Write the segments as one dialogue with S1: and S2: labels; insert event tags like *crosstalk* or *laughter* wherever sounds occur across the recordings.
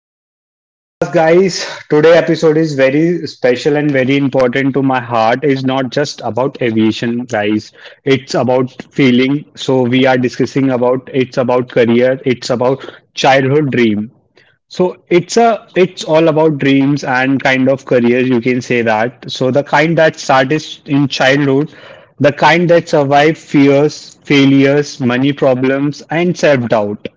S1: back to the podcast, guys. Today episode is very special and very important to my heart. It's not just about aviation, guys. It's about feeling. So, we are discussing about it's about career. It's about childhood dream. So, it's all about dreams and kind of careers. You can say that. So, the kind that started in childhood, the kind that survive fears, failures, money problems, and self doubt.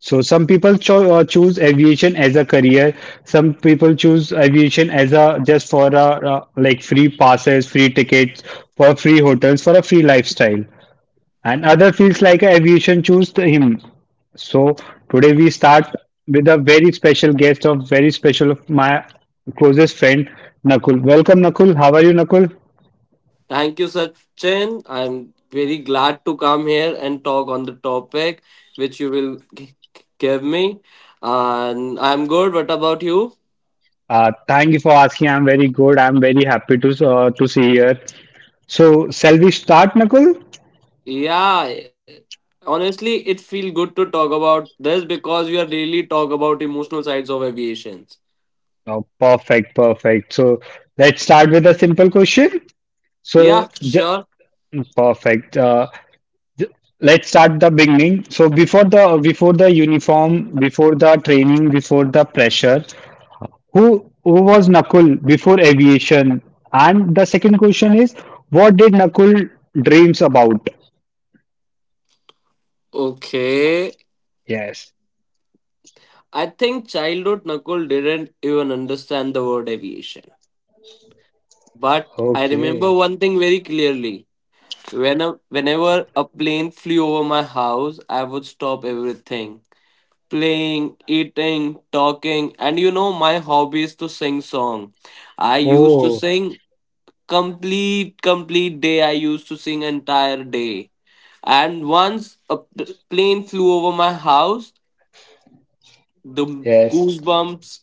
S1: So some people choose aviation as a career. Some people choose aviation as a just for a like free passes, free tickets, for free hotels, for a free lifestyle. And other feels like aviation choose to him. So today we start with a very special guest of very special of my closest friend Nakul. Welcome Nakul. How are you Nakul?
S2: Thank you, Sachin. I'm very glad to come here and talk on the topic which give me. And I'm good. What about you?
S1: Thank you for asking. I'm very good. I'm very happy to see here. So shall we start Nakul?
S2: Yeah, honestly, it feels good to talk about this because we are really talk about emotional sides of aviations.
S1: Oh, perfect, perfect. So let's start with a simple question.
S2: Yeah,
S1: So ju-
S2: sure.
S1: Perfect. Ju- let's start the beginning. So before the uniform, before the training, before the pressure, who was Nakul before aviation? And the second question is, what did Nakul dreams about?
S2: Okay.
S1: Yes.
S2: I think childhood Nakul didn't even understand the word aviation. But I remember
S1: Okay.
S2: one thing very clearly. When a, whenever a plane flew over my house, I would stop everything. Playing, eating, talking, and you know my hobby is to sing song. I used to
S1: Oh,
S2: sing complete day. I used to sing entire day. And once a plane flew over my house, the
S1: yes.
S2: goosebumps,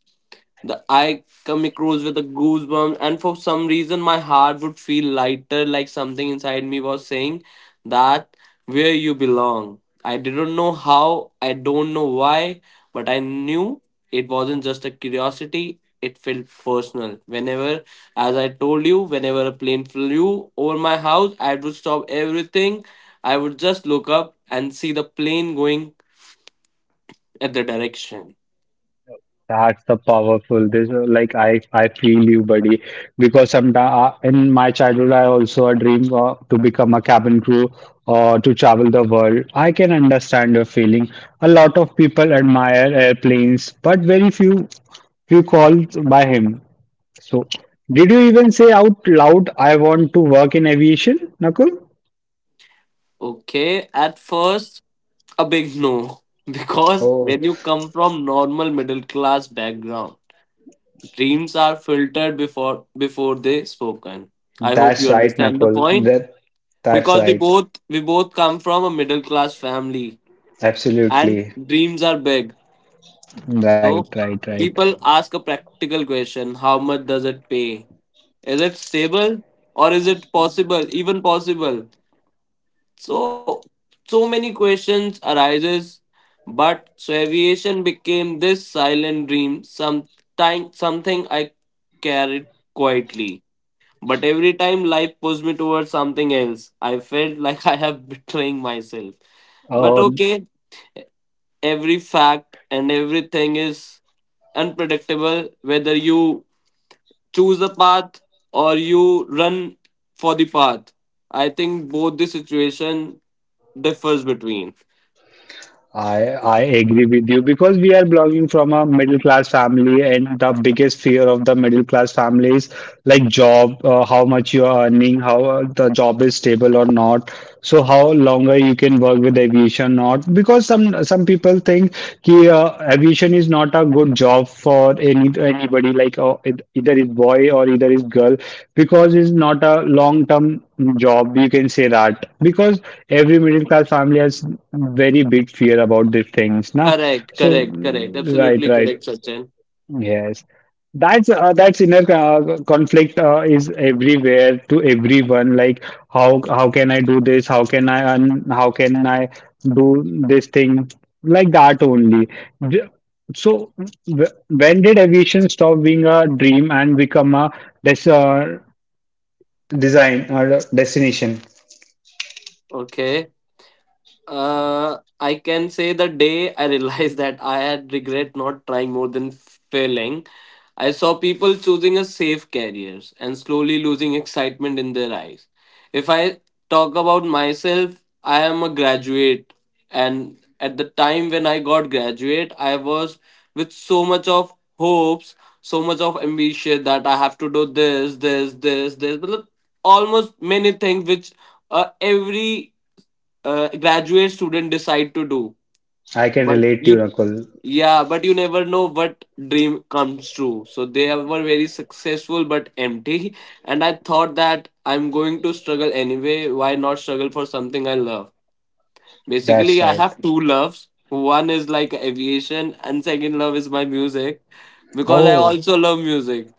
S2: the eye coming across with a goosebump, and for some reason my heart would feel lighter, like something inside me was saying that where you belong. I didn't know how, I don't know why, but I knew it wasn't just a curiosity. It felt personal. Whenever, as I told you, whenever a plane flew over my house, I would stop everything. I would just look up and see the plane going at the direction.
S1: That's the powerful. This like I feel you, buddy. Because sometimes in my childhood, I also a dream to become a cabin crew or to travel the world. I can understand your feeling. A lot of people admire airplanes, but very few few called by him. So, did you even say out loud, "I want to work in aviation," Nakul?
S2: Okay, at first, a big no. *laughs* Because
S1: Oh,
S2: when you come from normal middle class background, dreams are filtered before they spoken. I hope you
S1: that's right,
S2: understand the
S1: Nakul.
S2: point.
S1: That's
S2: Because we
S1: right.
S2: both we both come from a middle class family, and
S1: Absolutely.
S2: dreams are big.
S1: Right,
S2: So
S1: right,
S2: people ask a practical question, how much does it pay? Is it stable or is it possible, even possible? So so many questions arises, but so aviation became this silent dream, sometime something I carried quietly. But every time life pushed me towards something else, I felt *laughs* like I have betraying myself. But
S1: right.
S2: okay, every fact and everything is unpredictable whether you choose a path or you run for the path. I think both the situation differs between.
S1: I agree with you because we are belonging from a middle class family, and the biggest fear of the middle class family is like job, how much you are earning, how the job is stable or not. So how longer you can work with aviation or not? Because some people think कि actually aviation is not a good job for anybody like it, either is boy or either is girl because it's not a long term job you can say that because every middle class family has very big fear about these things na
S2: Correct,
S1: so
S2: correct, correct.
S1: right,
S2: Absolutely correct,
S1: right.
S2: Sachin.
S1: Yes, that's inner conflict is everywhere to everyone. Like how can I do this? How can I earn? How can I do this thing? Like that only. Th- So when did aviation stop being a dream and become a des uh, design or a destination?
S2: Okay. I can say the day I realized that I had regret not trying more than failing. I saw people choosing a safe careers and slowly losing excitement in their eyes. If I talk about myself, I am a graduate, and at the time when I got graduate, I was with so much of hopes, so much of ambition that I have to do this, this, this, this, but almost many things which every graduate student decide to do,
S1: I can
S2: but
S1: relate to you,
S2: you
S1: Nakul.
S2: yeah but you never know what dream comes true, so they were very successful but empty. And I thought that I'm going to struggle anyway, why not struggle for something I love?
S1: That's
S2: Basically, I
S1: right.
S2: have two loves, one is like aviation and second love is my music, because I
S1: Oh,
S2: also love music.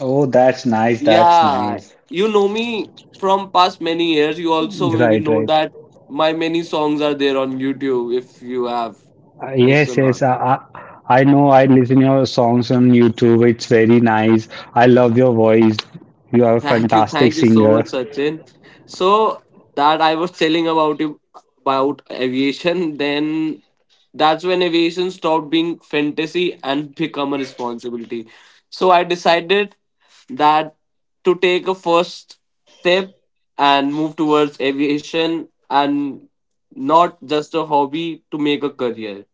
S1: oh, that's nice. That's
S2: Yeah,
S1: nice.
S2: you know me from past many years. You also maybe
S1: Right,
S2: know
S1: right.
S2: that my many songs are there on YouTube if you have
S1: Yes,
S2: listened.
S1: yes. I I know. I listen your songs on YouTube. It's very nice. I love your voice. You are a fantastic
S2: Thank you so
S1: singer.
S2: much, Sachin. So that I was telling about you about aviation, then that's when aviation stopped being fantasy and become a responsibility. So I decided that to take a first step and move towards aviation and not just a hobby to make a career.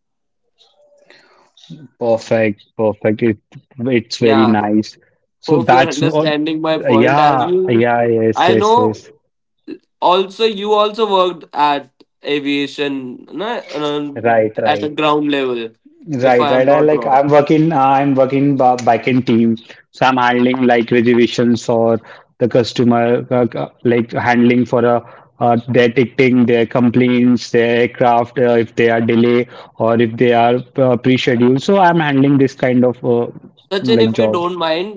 S1: Perfect, perfect. It's very
S2: Yeah.
S1: nice. So
S2: Hope you are
S1: that's what.
S2: understanding my point as
S1: Yeah,
S2: you.
S1: yeah.
S2: I
S1: Yes, yes,
S2: know
S1: yes.
S2: also you also worked at aviation na,
S1: Right,
S2: at a
S1: right.
S2: ground level, if I
S1: Right,
S2: am
S1: right. I
S2: not
S1: like
S2: wrong.
S1: I'm working back in team, so I'm handling like reservations or the customer like handling for a their ticketing, their complaints, their aircraft if they are delay or if they are pre-scheduled. So I'm handling this kind of
S2: Sachin, if
S1: like
S2: you
S1: job.
S2: don't mind,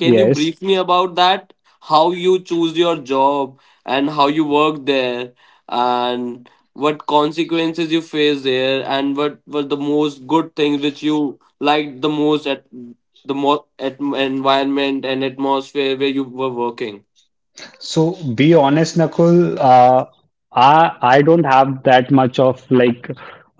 S2: can you
S1: Yes.
S2: brief me about that, how you choose your job and how you work there and what consequences you face there and what were the most good things which you liked the most at at environment and atmosphere where you were working?
S1: So be honest, Nakul. I don't have that much of like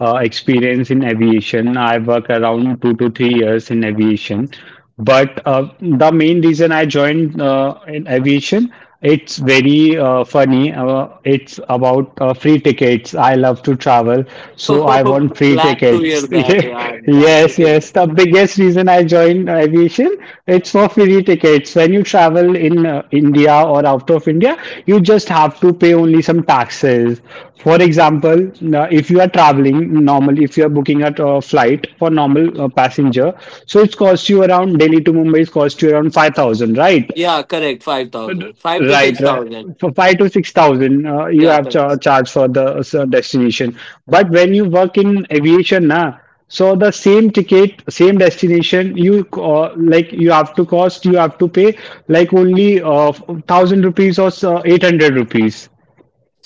S1: experience in aviation. I work around 2 to 3 years in aviation, but the main reason I joined in aviation, it's very funny. It's about free tickets. I love to travel,
S2: *laughs*
S1: so I
S2: Oh,
S1: want free
S2: glad to hear
S1: tickets. *laughs*
S2: that. Yeah, I'm
S1: Yeah,
S2: glad to
S1: yes,
S2: hear that
S1: yes. The
S2: too.
S1: biggest reason I joined aviation, it's for free tickets. When you travel in India or out of India, you just have to pay only some taxes. For example, if you are traveling normally, if you are booking a flight for normal passenger, so it costs you around Delhi to Mumbai, it costs you around 5,000, right?
S2: Yeah, correct. 5,000. 5 to
S1: Right, right.
S2: 6,000.
S1: For 5 to 6,000, you
S2: Yeah,
S1: have
S2: correct.
S1: charge for the destination. But when you work in aviation, na, so the same ticket, same destination, you like you have to cost, you have to pay like only thousand rupees or 800 rupees.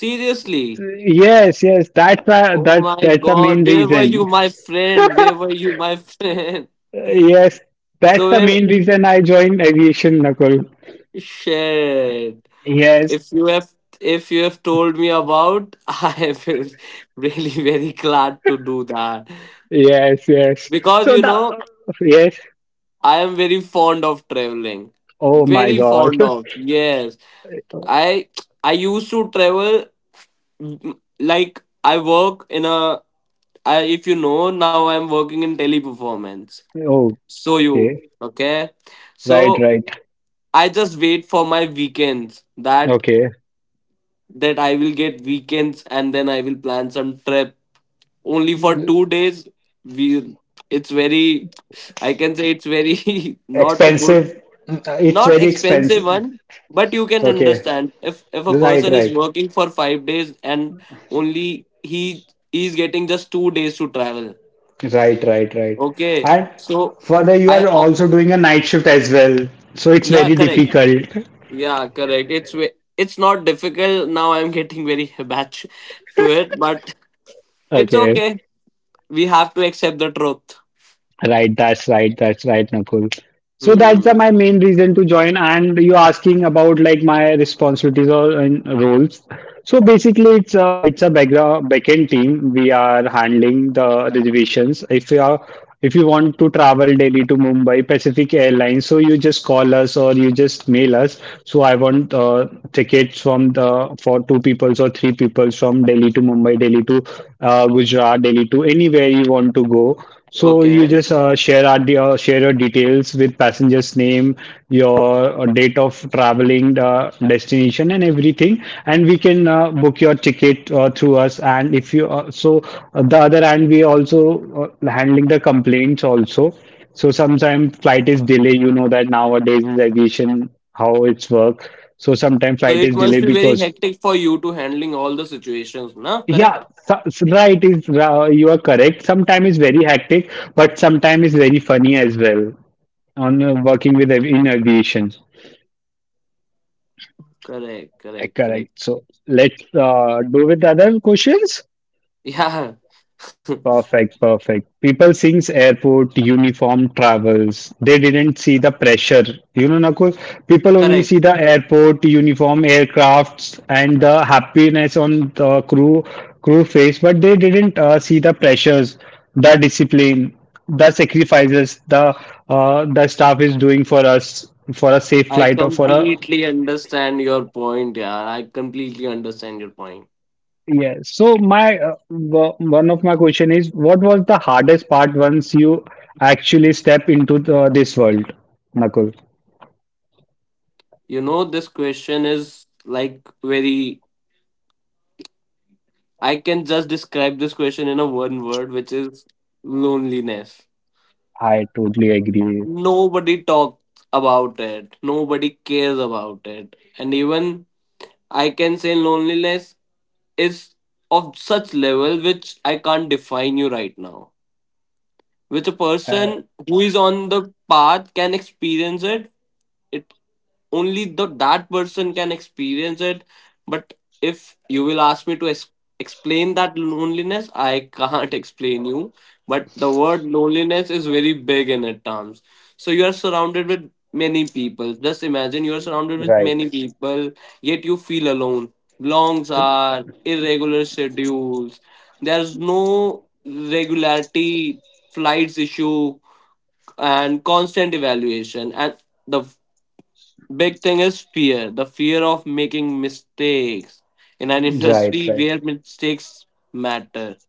S2: Seriously.
S1: Yes, yes,
S2: Oh my
S1: that that's the
S2: God.
S1: main
S2: Where were you,
S1: reason.
S2: my friend? Where were you, my friend? *laughs*
S1: Yes, that's
S2: So
S1: the
S2: where
S1: main reason I joined aviation, Nakul.
S2: shit.
S1: Yes,
S2: If you have if you have told me about, *laughs* I feel really very glad to do that.
S1: yes, yes.
S2: Because
S1: So
S2: you
S1: the
S2: know,
S1: yes.
S2: I am very fond of traveling.
S1: Oh my
S2: Very
S1: God.
S2: fond
S1: *laughs*
S2: of. Yes. I I used to travel mm, like I work in a I, if you know now I'm working in teleperformance. So you
S1: Okay.
S2: okay?
S1: Right,
S2: So
S1: right.
S2: I just wait for my weekends, that
S1: Okay.
S2: that I will get weekends and then I will plan some trip only for 2 days. We it's very, I can say it's very *laughs* not good,
S1: Expensive. It's
S2: not
S1: very
S2: expensive
S1: expensive.
S2: one, but you can
S1: Okay.
S2: understand if a
S1: Right,
S2: person is
S1: right.
S2: working for 5 days and only he is getting just 2 days to travel,
S1: Right, right, right.
S2: okay?
S1: And
S2: So
S1: further, you are
S2: i oh,
S1: also doing a night shift as well. So it's
S2: yeah,
S1: very
S2: correct,
S1: difficult.
S2: yeah, correct. It's not difficult now, I'm getting very *laughs* habitual to it, but it's
S1: Okay.
S2: okay, we have to accept the truth.
S1: Right, that's right, that's right, Nakul. So that's the,
S2: Hmm.
S1: my main reason to join. And you asking about like my responsibilities or and roles. So basically, it's a background backend team. We are handling the reservations. If you are if you want to travel daily to Mumbai Pacific Airlines, so you just call us or you just mail us. So I want tickets from the for two peoples or three peoples from Delhi to Mumbai, Delhi to Gujarat, Delhi to anywhere you want to go. So you
S2: Okay.
S1: just share your details with passenger's name, your date of traveling, destination, and everything, and we can book your ticket through us. And if you the other hand, we also handling the complaints also. So sometimes flight is delay. You know that nowadays in aviation how it's work. So sometimes
S2: So
S1: flight
S2: it
S1: is
S2: must
S1: delayed
S2: be very
S1: because
S2: hectic for you to handling all the situations na,
S1: yeah,
S2: Correct,
S1: so, so right is you are correct. Sometimes it's very hectic, but sometimes it's very funny as well. On in aviation,
S2: correct,
S1: uh,
S2: correct,
S1: correct.
S2: correct.
S1: So let's do with other questions.
S2: Yeah. *laughs*
S1: Perfect, perfect. People seeing airport uniform travels. They didn't see the pressure. You know, Nakul, people only
S2: Correct.
S1: see the airport uniform, aircrafts, and the happiness on the crew face, but they didn't see the pressures, the discipline, the sacrifices the staff is doing for us for a safe
S2: I
S1: flight or for a
S2: completely understand your point, yeah. I completely understand your point.
S1: yes. So my one of my question is, what was the hardest part once you actually step into this world, Nakul?
S2: You know, this question is like very. I can just describe this question in a one word, which is loneliness.
S1: I totally agree.
S2: Nobody talks about it. Nobody cares about it. And even I can say loneliness is of such level which I can't define you right now. Which a
S1: Uh,
S2: person who is on the path can experience it. It. Only the that person can experience it, but if you will ask me to explain that loneliness, I can't explain you, but the word loneliness is very big in it terms. So you are surrounded with many people, just imagine you are surrounded with
S1: right,
S2: many people, yet you feel alone. Longs are irregular schedules, there's no regularity, flights issue and constant evaluation, and the big thing is fear, the fear of making mistakes in an *laughs*
S1: right,
S2: industry
S1: right.
S2: where mistakes matter.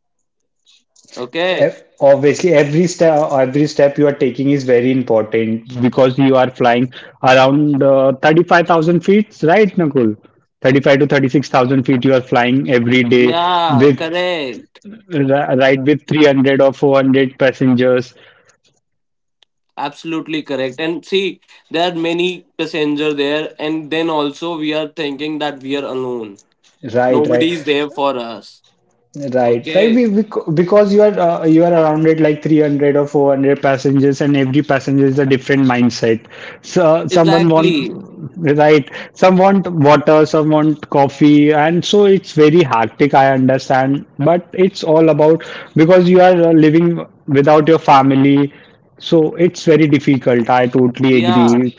S2: Okay.
S1: Obviously, every step you are taking is very important because you are flying around 35,000 feet, right, Nakul?
S2: Y-
S1: 35 to 36,000 feet you are flying every day
S2: Yeah,
S1: with
S2: correct.
S1: right with 300 or 400 passengers.
S2: Absolutely correct. And see, there are many passengers there, and then also we are thinking that we are alone.
S1: Right, right.
S2: Nobody is there for us.
S1: Right, right.
S2: Okay.
S1: Because you are around it like 300 or 400 passengers, and every passenger is a different mindset. So someone want
S2: Exactly.
S1: right, some want water, some want coffee, and so it's very hectic. I understand, but it's all about because you are living without your family, so it's very difficult. I totally
S2: Yeah.
S1: agree.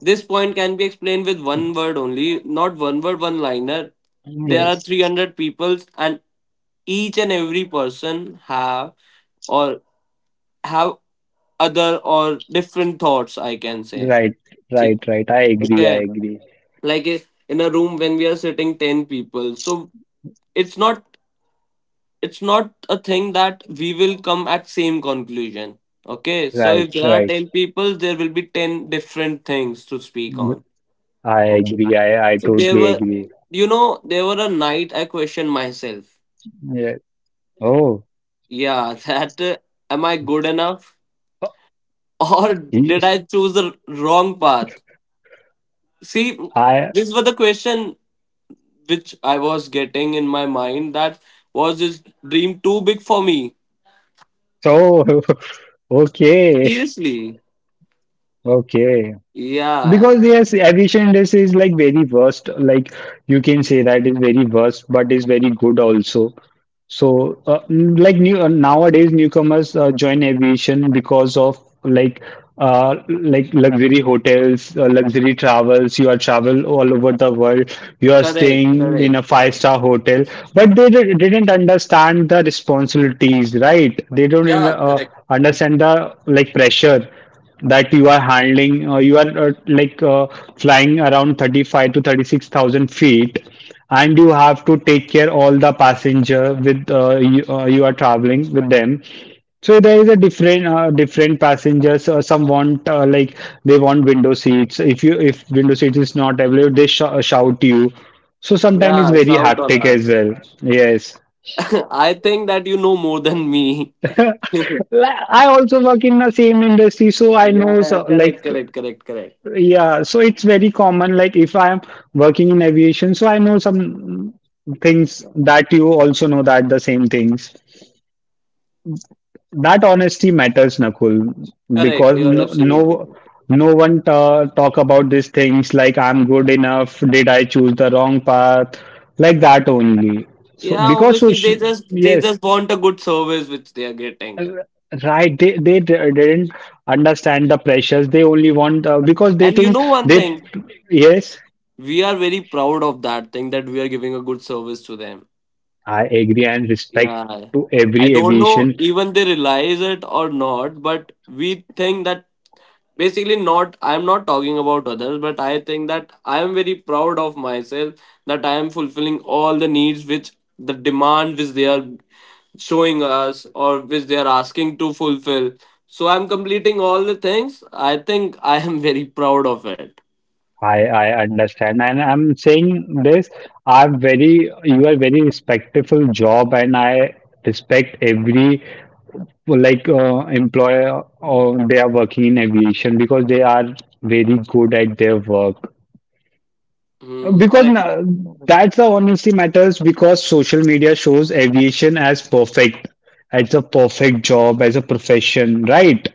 S2: This point can be explained with one word only, not one word, one liner. There are
S1: Yes,
S2: 300 people, and each and every person have or have other or different thoughts, I can say.
S1: right,
S2: See,
S1: right, right. I agree. I
S2: okay,
S1: agree.
S2: like i- in a room when we are sitting 10 people, so it's not, it's not a thing that we will come at same conclusion. Okay, so
S1: Right,
S2: if there are
S1: right.
S2: 10 people there will be 10 different things to speak on.
S1: I
S2: Okay,
S1: agree. I
S2: so there
S1: totally
S2: were,
S1: agree.
S2: you know, there were a night I questioned myself.
S1: Yeah. Oh,
S2: Yeah. *laughs* that am I good enough, or
S1: y-
S2: did I choose the wrong path? See,
S1: I
S2: these were the question which I was getting in my mind, that was this dream too big for me?
S1: so *laughs* okay.
S2: Seriously.
S1: Okay.
S2: Yeah.
S1: Because yes, aviation industry is like very worst. Like you can say that is very worst, but is very good also. So like new nowadays newcomers join aviation because of like like luxury hotels, luxury travels. You are travel all over the world. You are
S2: Correct.
S1: staying in
S2: Correct.
S1: a five-star hotel, but they didn't understand the responsibilities, right? They don't
S2: Yeah, correct.
S1: understand the like pressure that you are handling, you are like flying around 35 to 36,000 feet, and you have to take care all the passenger with you are traveling with them. So there is a different passengers. Some want like they want window seats. If window seats is not available, they shout you. So sometimes it's
S2: Yeah,
S1: very
S2: shout on
S1: hectic as
S2: us.
S1: well. Yes.
S2: *laughs* I think that you know more than me.
S1: *laughs* Like, I also work in the same industry, so I
S2: Yeah,
S1: know
S2: yeah,
S1: so,
S2: correct,
S1: like
S2: correct, correct, correct.
S1: yeah, so it's very common. Like if I am working in aviation, so I know some things that you also know that the same things. That honesty matters, Nakul,
S2: Correct.
S1: because
S2: You are
S1: no
S2: absolutely
S1: no
S2: correct.
S1: no one ta talk about these things like I'm good enough, did I choose the wrong path, like that only. So
S2: Yeah,
S1: because so
S2: obviously they
S1: yes,
S2: just want a good service which they are getting.
S1: uh, right, they didn't understand the pressures. They only want because they
S2: And you
S1: think
S2: know one
S1: they
S2: thing,
S1: yes.
S2: we are very proud of that thing that we are giving a good service to them.
S1: I agree and respect
S2: Yeah.
S1: to
S2: I
S1: every
S2: don't know
S1: aviation.
S2: even they realize it or not, but we think that, basically not I'm not talking about others, but I think that I am very proud of myself that I am fulfilling all the needs which the demand which they are showing us or which they are asking to fulfill. So I'm completing all the things. I think I am *laughs* very proud of it.
S1: I understand and I'm saying this. I'm very You are very respectful job and I respect every like employer or they are working in aviation because they are very good at their work.
S2: Hmm,
S1: Because
S2: correct.
S1: That's the honesty matters because social media shows aviation as perfect, as a perfect job, as a profession, right?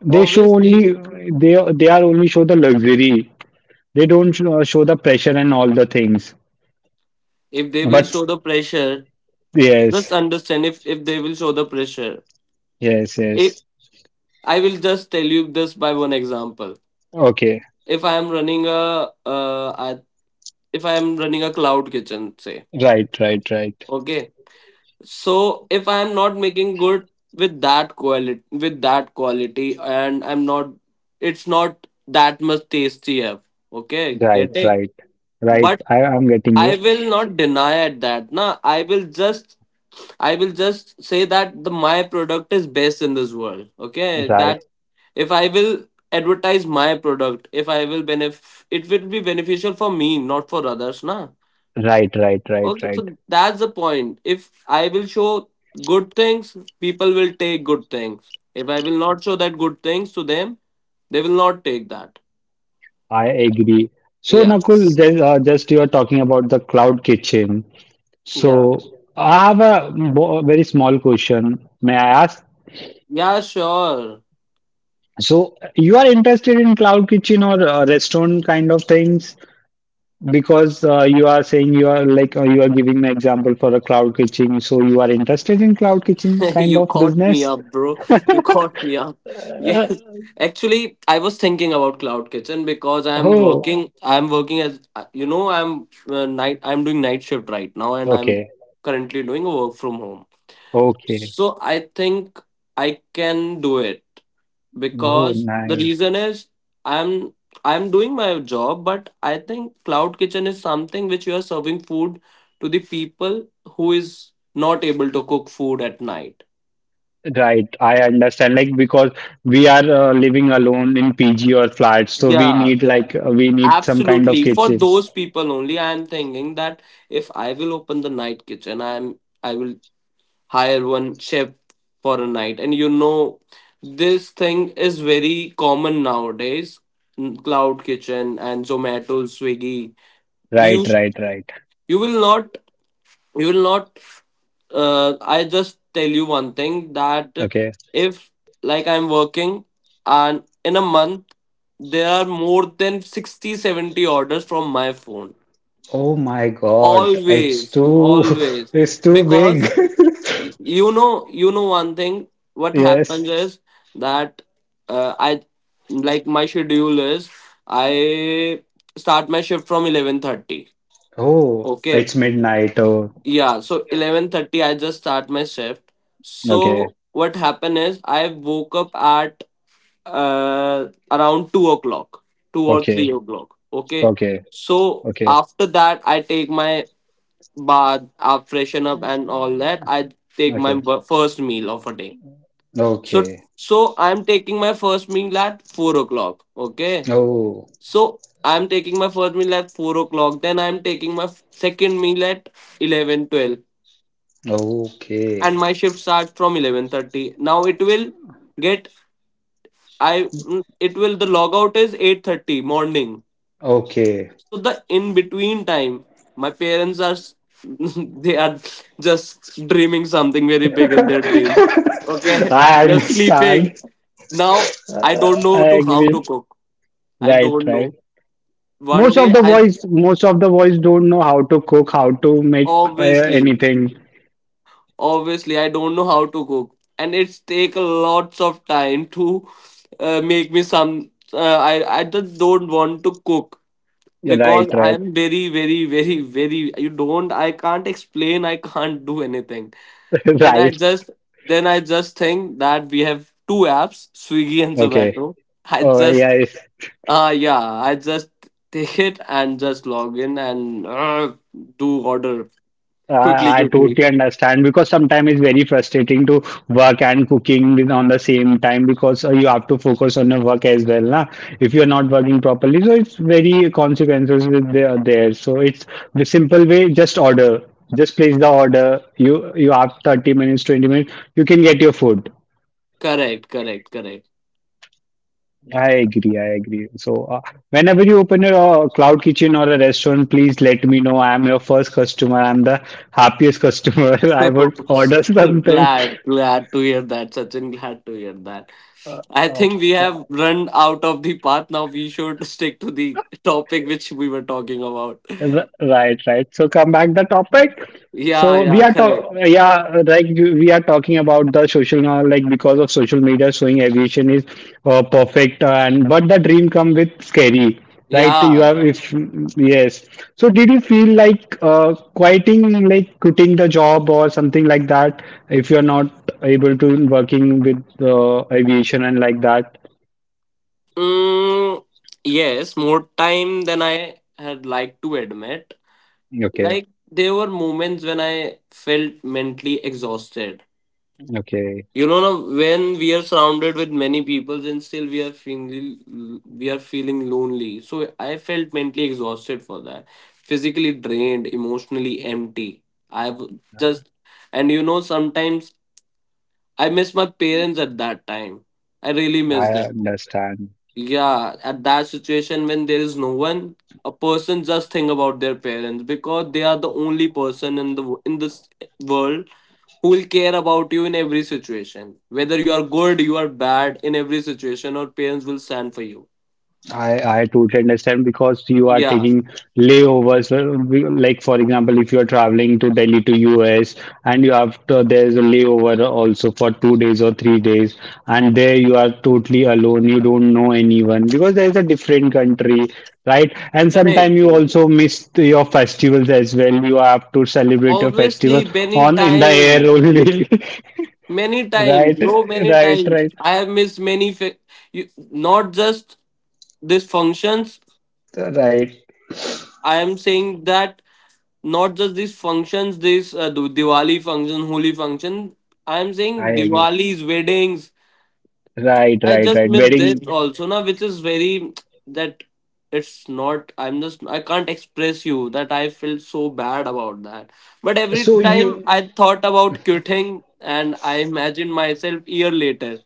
S1: They show
S2: Obviously,
S1: only they they are only show the luxury. They don't show the pressure and all the things.
S2: if they will
S1: But
S2: show the pressure, just
S1: yes,
S2: understand if they will show the pressure,
S1: yes,
S2: if
S1: yes.
S2: I will just tell you this by one example,
S1: Okay.
S2: if I am running a uh, I- if I am running a cloud kitchen, say
S1: Right, right, right,
S2: okay, so if I am not making good with that quality, with that quality, and I'm not, it's not that much tasty have, okay,
S1: right,
S2: getting,
S1: right, right.
S2: but
S1: I am getting
S2: I
S1: you.
S2: will not deny at that na, I will just, I will just say that the my product is best in this world. Okay,
S1: Right,
S2: that if I will advertise my product, if I will benef, it will be beneficial for me, not for others, na.
S1: right, right, right,
S2: Okay,
S1: right.
S2: so that's the point. If I will show good things, people will take good things. If I will not show that good things to them, they will not take that.
S1: I agree. So
S2: Yeah,
S1: Nakul, just you are talking about the cloud kitchen.
S2: yeah,
S1: So I have a very small question. May I ask?
S2: yeah. Sure.
S1: So you are interested in cloud kitchen or restaurant kind of things? Because you are saying you are like you are giving an example for a cloud kitchen, so you are interested in cloud kitchen
S2: *laughs*
S1: kind
S2: You
S1: of
S2: caught me
S1: business.
S2: up, bro. You
S1: *laughs*
S2: caught me up. *laughs*
S1: Uh,
S2: Yes. Actually, I was thinking about cloud kitchen because I'm
S1: Oh,
S2: working. I'm working as you know. I'm night. I'm doing night shift right now, and I'm
S1: okay,
S2: currently doing a work from home.
S1: okay.
S2: So I think I can do it
S1: Oh,
S2: because the
S1: nice.
S2: reason is I'm I'm doing my job, but I think cloud kitchen is something which you are serving food to the people who is not able to cook food at night.
S1: Right, I understand. Like because we are living alone in PG or flat, so we
S2: Yeah,
S1: need like we need some kind of
S2: absolutely. For
S1: kitchen.
S2: those people only, I am thinking that if I will open the night kitchen, I will hire one chef for a night. And you know, this thing is very common nowadays. Mm, Cloud Kitchen and Zomato, Swiggy. We
S1: Right,
S2: used.
S1: right, right.
S2: you will not you will not I just tell you one thing that
S1: Okay.
S2: if like I'm working and in a month there are more than 60, 70 orders from my phone.
S1: Oh my God, it's
S2: always
S1: too, *laughs*
S2: always
S1: it's too big.
S2: because
S1: *laughs*
S2: you know one thing what
S1: Yes.
S2: happens is that I, like my schedule is, I start my shift from 11:30.
S1: Oh,
S2: Okay.
S1: it's midnight. Oh,
S2: Yeah, so 11:30 I just start my shift.
S1: okay,
S2: So what happened is I woke up at around 2 o'clock, 2 or
S1: okay,
S2: 3 o'clock. Okay.
S1: okay,
S2: So
S1: okay,
S2: after that I take my bath, I freshen up and all that. I take my
S1: okay,
S2: first meal of a day. So
S1: okay.
S2: so I'm taking my first meal at 4 o'clock. Okay.
S1: Oh,
S2: So I'm taking my first meal at 4 o'clock. Then I'm taking my second meal at 11, 12.
S1: okay,
S2: And my shift starts from 11:30. Now it will get I mm, it will, the logout is 8:30 morning.
S1: okay.
S2: So the in between time, my parents are *laughs* they are just dreaming something very big in their dream.
S1: *laughs*
S2: Okay. *laughs*
S1: I
S2: They're
S1: understand.
S2: sleeping now. I don't
S1: I
S2: know to how
S1: agree.
S2: to cook. I
S1: Right,
S2: don't know.
S1: right.
S2: One
S1: Most of
S2: day
S1: the
S2: I,
S1: boys, most of the boys don't know how to cook, how to make
S2: obviously
S1: anything.
S2: obviously, I don't know how to cook and it's take lots of time to make me some I just don't want to cook,
S1: Yeah, right,
S2: because I
S1: right,
S2: am very very very very you don't, I can't explain, I can't do anything.
S1: *laughs*
S2: then i
S1: right.
S2: just then I just think that we have two apps, Swiggy and
S1: Okay.
S2: Zomato. i
S1: Oh,
S2: just
S1: yeah.
S2: yeah I just take it and just log in and do order quickly
S1: I
S2: quickly.
S1: totally understand because sometimes it's very frustrating to work and cooking on the same time because you have to focus on the work as well, na? If you're not working properly, so it's very consequences with there. So it's the simple way, just order, just place the order. You have 30 minutes, 20 minutes, you can get your food.
S2: *laughs* Correct, correct, correct.
S1: I agree. I agree. So, whenever you open a cloud kitchen or a restaurant, please let me know. I'm your first customer. I'm the happiest customer. *laughs* I would order
S2: *laughs*
S1: something.
S2: Glad, glad to hear that, Sachin. Glad to hear that.
S1: Uh,
S2: I
S1: uh,
S2: think we have run out of the path now. We should *laughs* stick to the topic which we were talking about. *laughs*
S1: Right, right. So come back the topic.
S2: Yeah,
S1: So we
S2: yeah,
S1: are
S2: correct.
S1: talking about the social now, like because of social media showing aviation is perfect and but the dream come with scary, right? You
S2: Yeah.
S1: have if Yes. So did you feel like quitting the job or something like that if you are not able to working with aviation and like that?
S2: Mm, yes, more time than I had liked to admit. Like, there were moments when I felt mentally exhausted.
S1: Okay,
S2: You know, now when we are surrounded with many people and still we are feeling lonely, so I felt mentally exhausted for that, physically drained, emotionally empty. I've just and you know, sometimes I miss my parents at that time. I really miss
S1: I
S2: them.
S1: understand.
S2: Yeah, at that situation when there is no one, a person just think about their parents because they are the only person in the in this world who will care about you in every situation. Whether you are good, you are bad, in every situation, your parents will stand for you.
S1: I totally understand because you are
S2: Yeah,
S1: taking layovers. Like for example, if you are traveling to Delhi to US and you have to, there is a layover also for 2 days or 3 days, and there you are totally alone. You don't know anyone because there is a different country, right? And sometimes
S2: correct,
S1: you
S2: correct.
S1: also miss your festivals as well. You have to celebrate your festival
S2: Obviously,
S1: on in the air only, *laughs*
S2: many times,
S1: right?
S2: bro, many
S1: Right,
S2: times.
S1: right,
S2: I have missed many, you, not just these functions.
S1: right.
S2: I am saying that not just these functions, this Diwali function, Holi function. I am
S1: I
S2: saying
S1: agree.
S2: Diwali's weddings,
S1: Right,
S2: I
S1: right,
S2: just
S1: right.
S2: missed this
S1: Wedding.
S2: also now, which is very that, it's not. I can't express you that I felt so bad about that. But every
S1: So
S2: time
S1: you
S2: I thought about quitting, and I imagined myself year later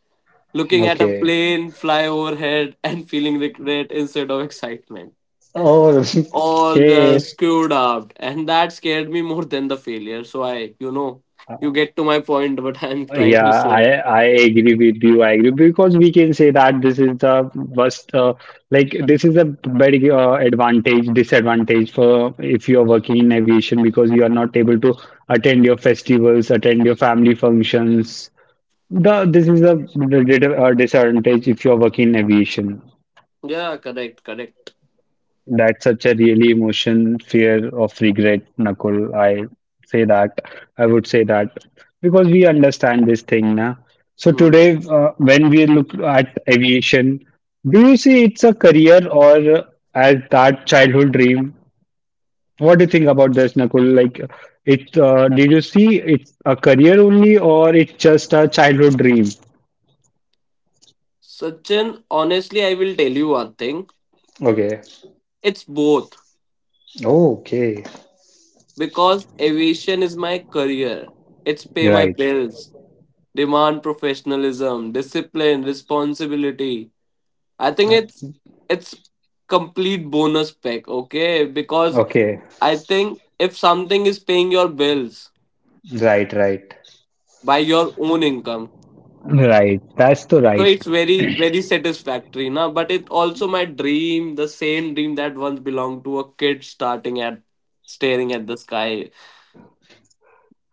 S2: looking at a
S1: Okay?
S2: plane fly overhead *laughs* and feeling regret instead of excitement.
S1: Oh, *laughs*
S2: All the
S1: okay.
S2: screwed up, and that scared me more than the failure. So I, you know,
S1: Uh,
S2: you get to my point. *laughs* What I'm trying to
S1: yeah, I
S2: say.
S1: I agree with you. I agree because we can say that this is the worst. This is a very disadvantage for if you are working in aviation because you are not able to attend your festivals, attend your family functions. The This is a disadvantage if you are working in aviation.
S2: Yeah, correct, correct.
S1: That's such a really emotion, fear of regret, Nakul. I say that. I would say that because we understand this thing now. So
S2: Hmm.
S1: today, when we look at aviation, do you see it's a career or as that childhood dream? What do you think about this, Nakul? Like, it did you see it's a career only or it's just a childhood dream?
S2: Sachin, honestly, I will tell you one thing.
S1: Okay.
S2: It's both,
S1: Oh, okay.
S2: because aviation is my career. It's pay my
S1: Right.
S2: bills, demand professionalism, discipline, responsibility. I think
S1: Uh,
S2: it's complete bonus pack, okay? Because
S1: Okay.
S2: I think if something is paying your bills
S1: Right. Right.
S2: by your own income,
S1: Right, that's the
S2: so
S1: right.
S2: it's very very satisfactory, na. But it also my dream, the same dream that once belonged to a kid starting at staring at the sky.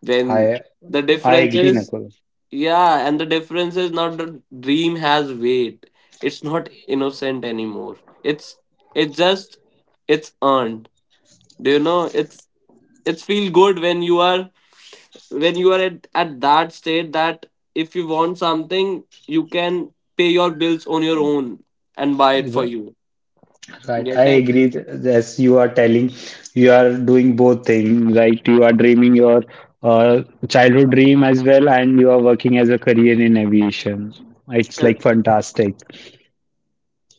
S2: Then
S1: I
S2: the
S1: I
S2: difference
S1: agree,
S2: is,
S1: Nakul.
S2: yeah, and the difference is now the dream has weight. It's not innocent anymore. It's it's just it's earned. Do you know? It's feel good when you are, when you are at that state that if you want something, you can pay your bills on your own and buy it for
S1: R-
S2: you.
S1: Right, I
S2: Getting?
S1: agree. As you are telling, you are doing both things. Right, you are dreaming your uh, childhood dream as well, and you are working as a career in aviation. It's like
S2: Correct.
S1: fantastic.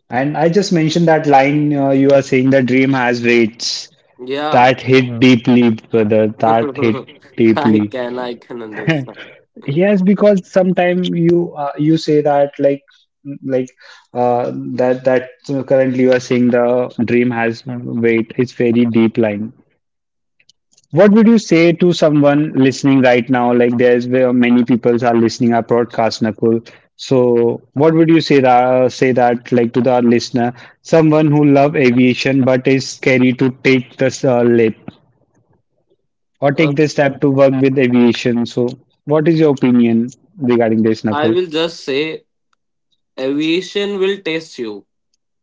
S1: And I just mentioned that line you are saying the dream has weights.
S2: Yeah.
S1: That hit deeply, brother. That hit
S2: *laughs* I
S1: deeply.
S2: can I can
S1: *laughs*
S2: understand.
S1: Yes, because sometimes you you say that like uh, currently you are saying the dream has weight. It's very deep line. What would you say to someone listening right now? Like there's where many people are listening our broadcast, Nakul. So what would you say that like to the listener, someone who love aviation but is scary to take this leap or take
S2: Okay.
S1: this step to work with aviation. So what is your opinion regarding this,
S2: I
S1: Nakul?
S2: will just say, aviation will test you.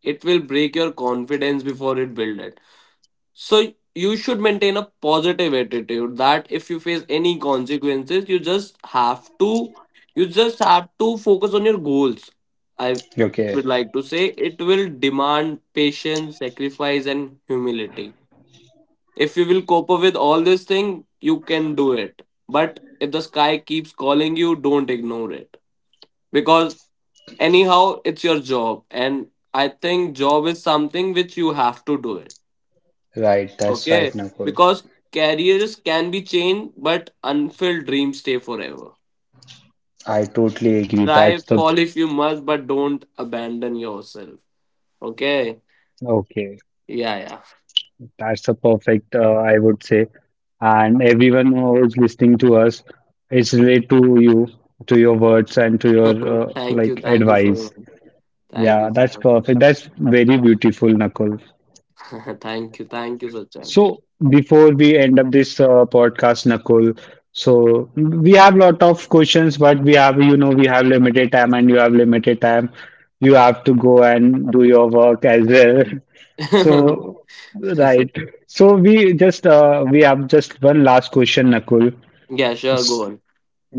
S2: It will break your confidence before it builds it. So you should maintain a positive attitude that if you face any consequences, you just have to focus on your goals. I
S1: Okay,
S2: would like to say it will demand patience, sacrifice and humility. If you will cope up with all this thing, you can do it. But if the sky keeps calling you, don't ignore it, because anyhow it's your job and I think job is something which you have to do it.
S1: right, that's right,
S2: Okay.
S1: Nakul.
S2: Because careers can be changed but unfulfilled dreams stay forever.
S1: I totally agree.
S2: Try,
S1: That's the
S2: fall if you must, but don't abandon yourself. Okay.
S1: Okay.
S2: Yeah, yeah.
S1: That's the perfect, I would say. And everyone who is listening to us, it's relate to you, to your words and to your
S2: *laughs* Thank you, thank you so
S1: advice.
S2: much. Thank you
S1: Yeah,
S2: so
S1: that's
S2: much.
S1: perfect. That's very beautiful, Nakul.
S2: *laughs* Thank you, thank you, Sachin.
S1: So before we end up this podcast, Nakul, so we have lot of questions, but we have, you know, we have limited time and you have limited time. You have to go and do your work as well. *laughs* So,
S2: *laughs*
S1: right. So we just we have just one last question, Nakul.
S2: Yeah, sure, go
S1: S-
S2: on.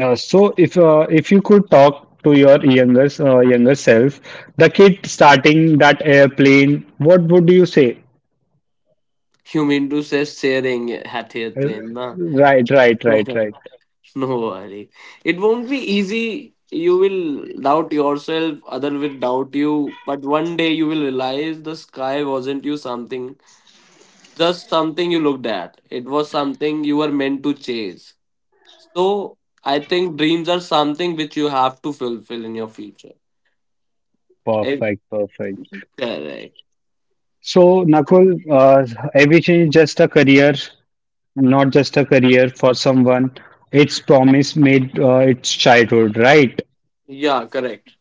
S1: So if you could talk to your younger self, the kid starting that airplane, what would you say?
S2: You mean to say sharing at
S1: Uh,
S2: airplane, na?
S1: Right, right, right, right.
S2: *laughs* *laughs* No worry. It won't be easy. You will doubt yourself, other will doubt you, but one day you will realize the sky wasn't you something, just something you looked at. It was something you were meant to chase. So I think dreams are something which you have to fulfill in your future. Eh,
S1: Perfect, perfect.
S2: correct.
S1: So, Nakul, aviation is just a career, not just a career for someone. Its promise made its childhood, right?
S2: Yeah, correct.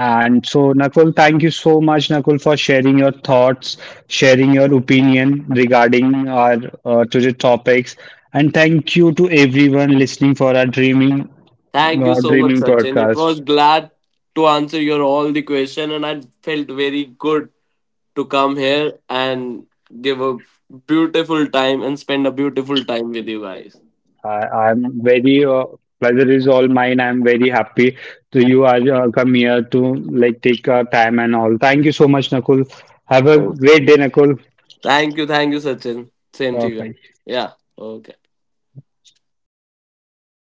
S1: And so, Nakul, thank you so much, Nakul, for sharing your thoughts, sharing your opinion regarding our today topics. And thank you to everyone listening for our dreaming,
S2: Thank you so much,
S1: dreaming
S2: Sachin. It
S1: podcast.
S2: was glad to answer your all the question and I felt very good to come here and give a beautiful time and spend a beautiful time with you guys.
S1: I, I'm very pleasure is all mine. I'm very happy to you are come here to like take time and all. Thank you so much, Nakul. Have a
S2: Oh,
S1: great day, Nakul.
S2: thank you, Sachin. Same to you.
S1: Bye.
S2: Yeah. Okay.